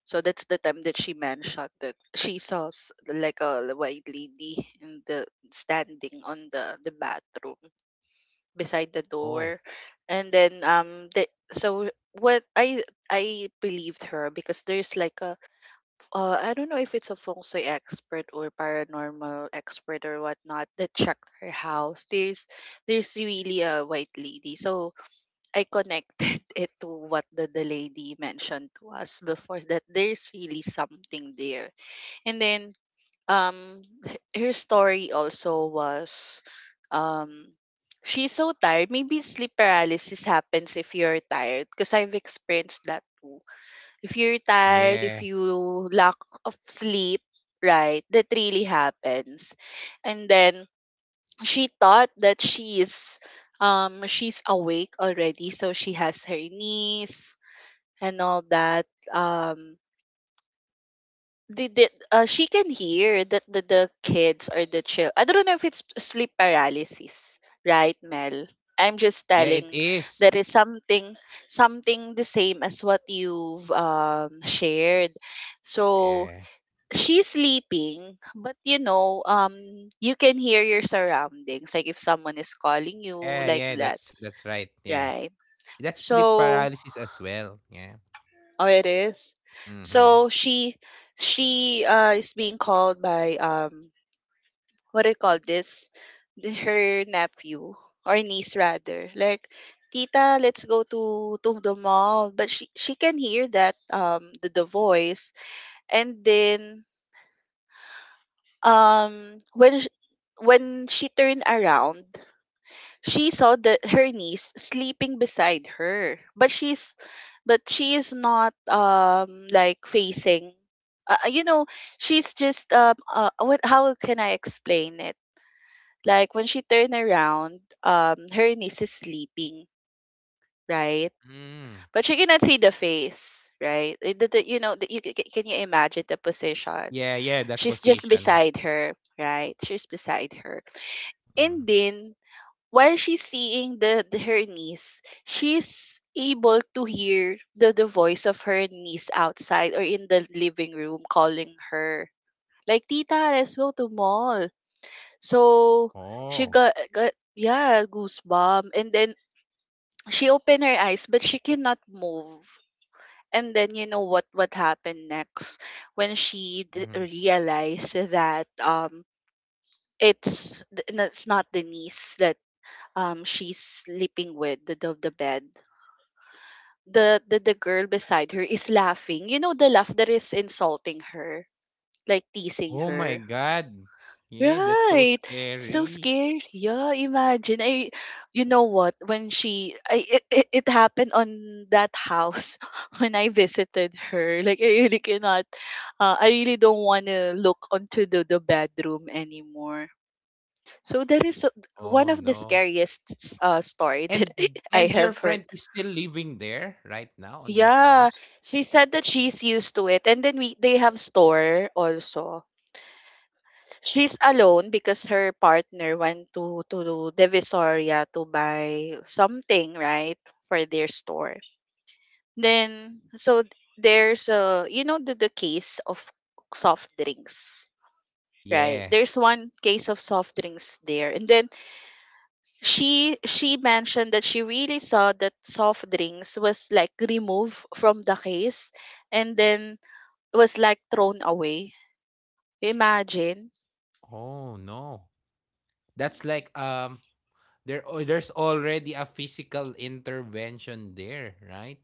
so that's the time that she mentioned that she saw s- like a white lady in the, standing on the the bathroom beside the
Oh,
door. And then um the, so what i i believed her, because there's like a uh, I don't know if it's a feng shui expert or paranormal expert or whatnot that checked her house. There's there's really a white lady. So I connected it to what the, the lady mentioned to us before that there's really something there. And then um h- her story also was um she's so tired. Maybe sleep paralysis happens if you're tired, because I've experienced that too. If you're tired, if
yeah.
you lack of sleep, right, that really happens. And then she thought that she is um she's awake already, so she has her niece and all that. Um they did uh, she can hear that the, the kids or the child. I don't know if it's sleep paralysis, right, Mel? I'm just
Yeah,
telling
it
that
is.
is something, something the same as what you've um shared. So
Yeah.
she's sleeping, but you know um you can hear your surroundings, like if someone is calling you
Yeah,
like
yeah,
that,
that's that's right. Yeah.
right?
That's sleep
So,
paralysis as well. Yeah.
oh, it is. So
Mhm.
she she uh, is being called by um what do you call this? The, her nephew or niece rather. Like, Tita, let's go to to the mall. But she she can hear that um the, the voice. And then um when sh- when she turned around, she saw that her niece sleeping beside her. But she's but she is not um like facing, uh, you know, she's just um uh, what, how can I explain it? Like when she turned around, um, her niece is sleeping, right? But
Mm.
she cannot see the face, right? It- the- the- you know, the, you, ca- ca- can you imagine the position?
Yeah, yeah,
She's
that
just
position.
beside
Yeah.
her, right? She's beside her, and
Mm.
then while she's seeing the, the her niece, she's able to hear the the voice of her niece outside or in the living room calling her. Like, Tita, let's go to mall. So she
Oh.
got got yeah, goosebump. And then she opened her eyes, but she cannot move. And then you know what what happened next when she d-
Mm.
realized that um it's th- that's not the niece that um she's sleeping with the the, the bed. The, the the girl beside her is laughing. You know the laugh that is insulting her, like teasing
Oh my
her.
god. Yeah, that's so
Right. So
scary.
scary. Yeah, imagine. I you know what? When she I it, it, it happened on that house when I visited her. Like I really cannot, uh, I really don't want to look onto the, the bedroom anymore. So that is uh,
Oh
one of the
no.
scariest s- uh, story that
And and
I
your
have
friend
heard.
is still living there right now on that
Yeah,
house?
she said that she's used to it, and then we they have store also. She's alone because her partner went to to Divisoria to buy something, right, for their store. Then so th- there's a, you know, the, the case of soft drinks, right?
Yeah.
There's one case of soft drinks there. And then she she mentioned that she really saw that soft drinks was like removed from the case, and then was like thrown away. Imagine,
Oh no. That's like um there oh, there's already a physical intervention there, right?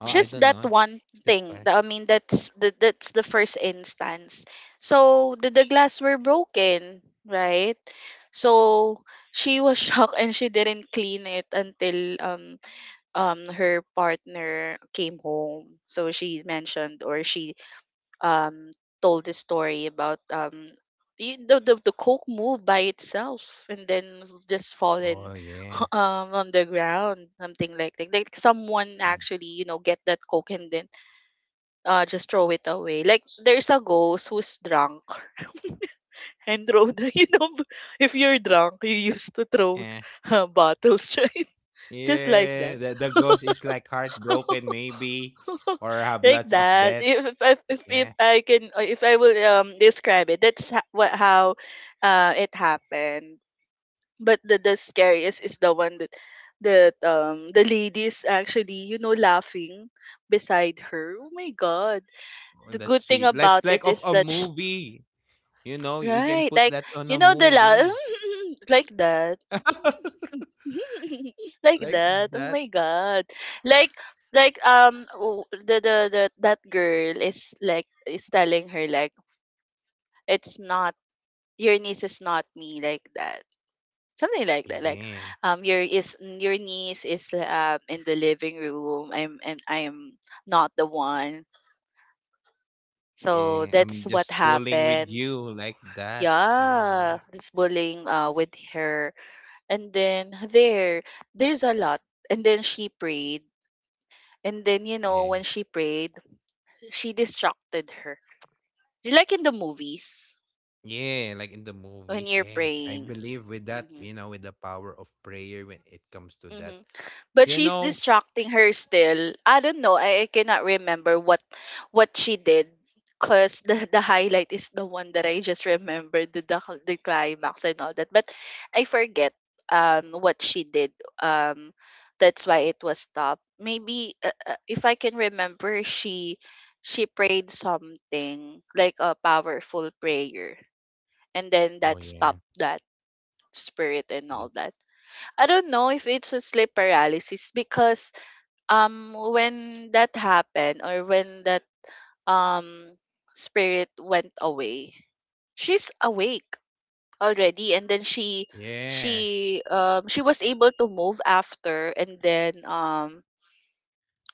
Oh, I
just
don't
that
know.
one
Is that
thing
correct?
that I mean that's the, that's the first instance. So the, the glass were broken, right? So she was shocked, and she didn't clean it until um um her partner came home. So she mentioned, or she um told the story about um y- the, the, the coke moved by itself, and then just
Oh,
fallen
yeah.
um on the ground, something like that, like someone
Mm.
actually, you know, get that coke and then, uh, just throw it away. Like there's a ghost who's drunk and throw the you know b- if you're drunk you used to throw
Yeah.
uh, bottles right, just like
Yeah.
that.
The, the ghost is like heartbroken, maybe, or have
Like
lots of
that.
debts.
If if, if if
Yeah.
I can uh, if I will um describe it, that's ho- what how uh it happened. But the, the scariest is the one that that um the ladies actually, you know, laughing beside her. Oh my god,
Oh,
the
that's
good thing
true. Let's
about
like
it
of
is
a
that.
movie. You know, you can
Right,
put
like,
that on a
you know, the la
movie
like that. Like
like
that. Oh
that.
my god. Like like um w- the, the the that girl is like is telling her, like, it's not, your niece is not me, like that. Something like that. Like
Yeah.
um your is your niece is um in the living room. I'm and I'm not the one. So
Yeah.
that's
I'm
what
just fooling with
happened.
you like that, you
Yeah,
know.
this bullying uh with her. And then there, there's a lot. And then she prayed. And then, you know,
Yeah.
when she prayed, she distracted her. Like in the movies,
Yeah, like in the
when
movies,
you're
yeah. I
praying.
believe with that,
Mm-hmm.
you know, with the power of prayer when it comes to
Mm-hmm.
that.
But
You
she's
know,
distracting her still. I don't know. I, I cannot remember what what she did. Cause the the highlight is the one that I just remembered, the the, cl- the climax and all that. But I forget um what she did. Um that's why it was stopped. Maybe uh, uh, if I can remember, she she prayed something like a powerful prayer, and then that
oh,
stopped
yeah.
that spirit and all that.
That's
I don't know if it's a sleep paralysis because um when that happened or when that um spirit went away, she's awake already, and then she
yeah.
she um she was able to move after, and then um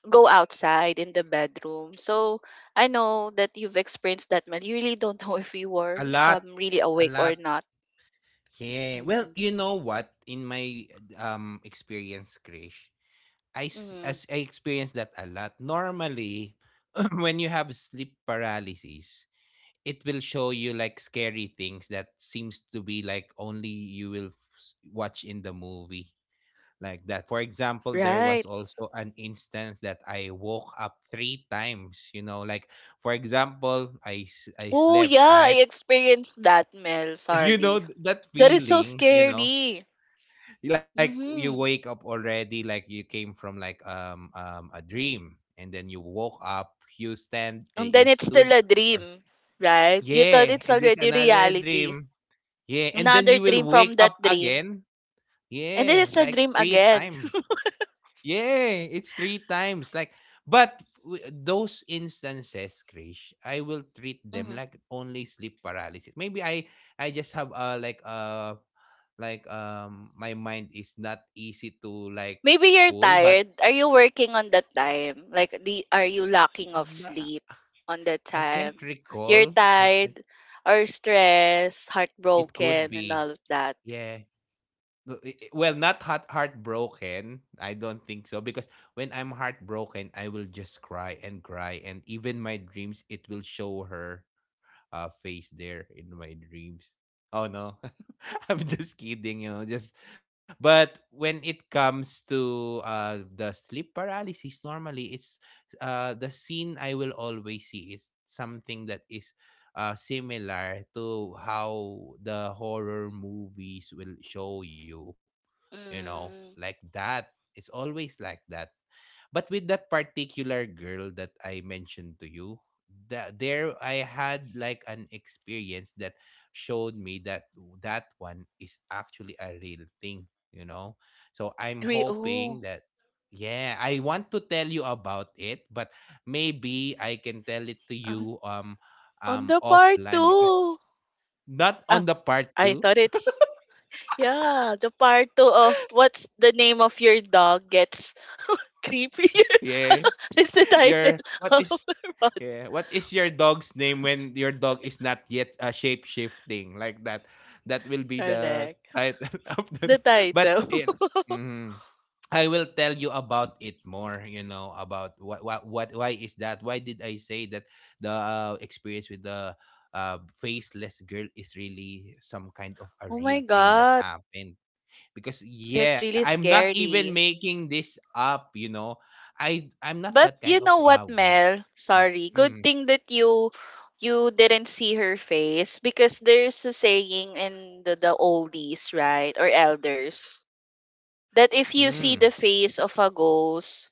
go outside in the bedroom. So I know that you've experienced that, man. You really don't know if you were
A lot.
um really
A
awake
lot.
or not.
Yeah. Well,
Hmm.
you know what? In my um experience, Krish, I s-
Hmm.
as I experienced that a lot. Normally, when you have sleep paralysis, it will show you like scary things that seems to be like only you will f- s- watch in the movie, like that. For example, there was
Right.
also an instance that I woke up three times, you know, like for example, I s- I
Oh
slept,
yeah, I
right?
experienced that, Mel.
You
Sorry,
know th-
that
that
is so
feeling, you know,
scary.
like you
Mm-hmm.
wake up already like you came from like um um a dream and then you woke up, you stand
And
eh,
then
you
it's still a
stood or-
dream, right? You thought
yeah,
it's
and it's
already
another
reality.
dream. Yeah, and then
Another
you
dream
will
from
wake
that
up
dream.
again.
And then
Yeah,
it's a
like
dream
three
again.
times. Yeah, it's three times. Like, but w- those instances, Krish, I will treat them
Mhm.
like only sleep paralysis. Maybe I I just have uh like uh like um my mind is not easy to like
Maybe you're
fool, but
tired. Are you working on that time? Like the, are you lacking of
na-
sleep on that
I can't
time? You're
recall. I can't.
tired or stressed,
It could
heartbroken and
be.
all of that.
Yeah. No, i- i- well, not heart heartbroken. I don't think so because when I'm heartbroken, I will just cry and cry, and even my dreams, it will show her uh, face there in my dreams. Oh no, I'm just kidding, you know. Just, but when it comes to uh the sleep paralysis, normally it's uh the scene I will always see is something that is uh similar to how the horror movies will show you, you know, like
Mm.
that. It's always like that. But with that particular girl that I mentioned to you, that there I had like an experience that showed me that that one is actually a real thing, you know? So I'm
Re-
hoping
oh,
that yeah, I want to tell you about it, but maybe I can tell it to
um,
you um
on
um
the part
offline
two.
because not
Ah,
on the part
I
two.
thought it's, yeah, the part two of what's the name of your dog gets creepier.
Yeah.
is the
Your
title
what
of
is.
our pod-
Yeah. What is your dog's name when your dog is not yet uh, shape shifting like that? That will be the
Correct.
title of the.
The
But
title.
you know, mhm. I will tell you about it more. You know about what what what why is that? Why did I say that the uh, experience with the uh, faceless girl is really some kind of a
Oh
real
my
thing that
god,
happened? Because yeah,
that's really
I'm not even
scary.
making this up. You know, I I'm not that
But
kind
you
of
know what,
wow guy.
Mel? Sorry. Good
Mm-hmm.
thing that you you didn't see her face, because there's a saying in the, the oldies, right? Or elders. That if you see
Mm.
the face of a ghost,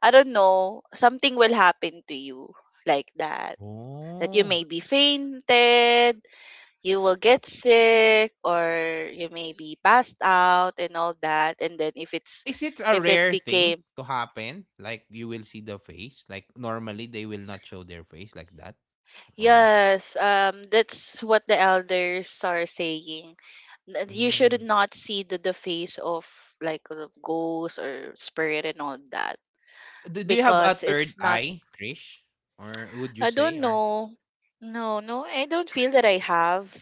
I don't know, something will happen to you, like that. That you
Oh.
may be fainted, you will get sick, or you may be passed out and all that. And then if
Oh,
it's,
is it a
if it
rare thing
became,
to happen? Like you will see the face? Like normally they will not show their face like that? Or
yes, um, that's what the elders are saying. That you should
mm.
not see the, the face of, like, of ghosts or spirit and all that,
do, do you have a
because
third
it's not.
eye, Krish? Or would you
I
say
don't
or
know. No, no, I don't feel that I have,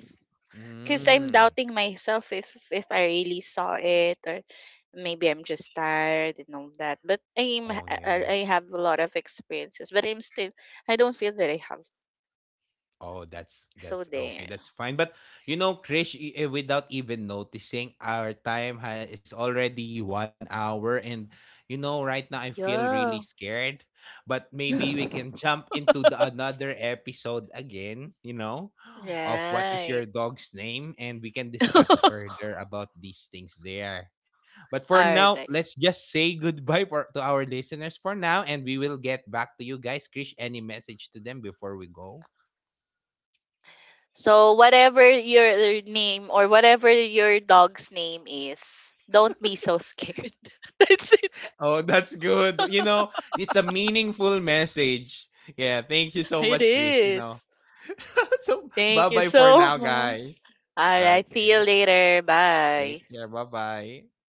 because I'm
mm.
doubting myself if if I really saw it or maybe I'm just tired and all that. But I'm h-
Oh
I
yeah.
I have a lot of experiences, but I'm still, I don't feel that I have.
Oh, that's
So
that's
there,
okay. That's fine. But you know, Krish, i- eh, without even noticing, our time ha- is already one hour, and you know, right now I feel really
yeah,
scared. But maybe we can jump into the another episode again. You know, of what is
right.
your dog's name, and we can discuss further about these things there. But for
All
now,
right.
let's just say goodbye for to our listeners for now, and we will get back to you guys. Krish, any message to them before we go?
So whatever your name or whatever your dog's name is, don't be so scared. That's it.
Oh, that's good. You know, it's a meaningful message. Yeah, thank you so
It
much, Krish. You know,
is.
so bye
Thank you
bye for
so
now,
much.
guys.
All right. See you
Okay,
later.
take
Bye.
care. Bye bye.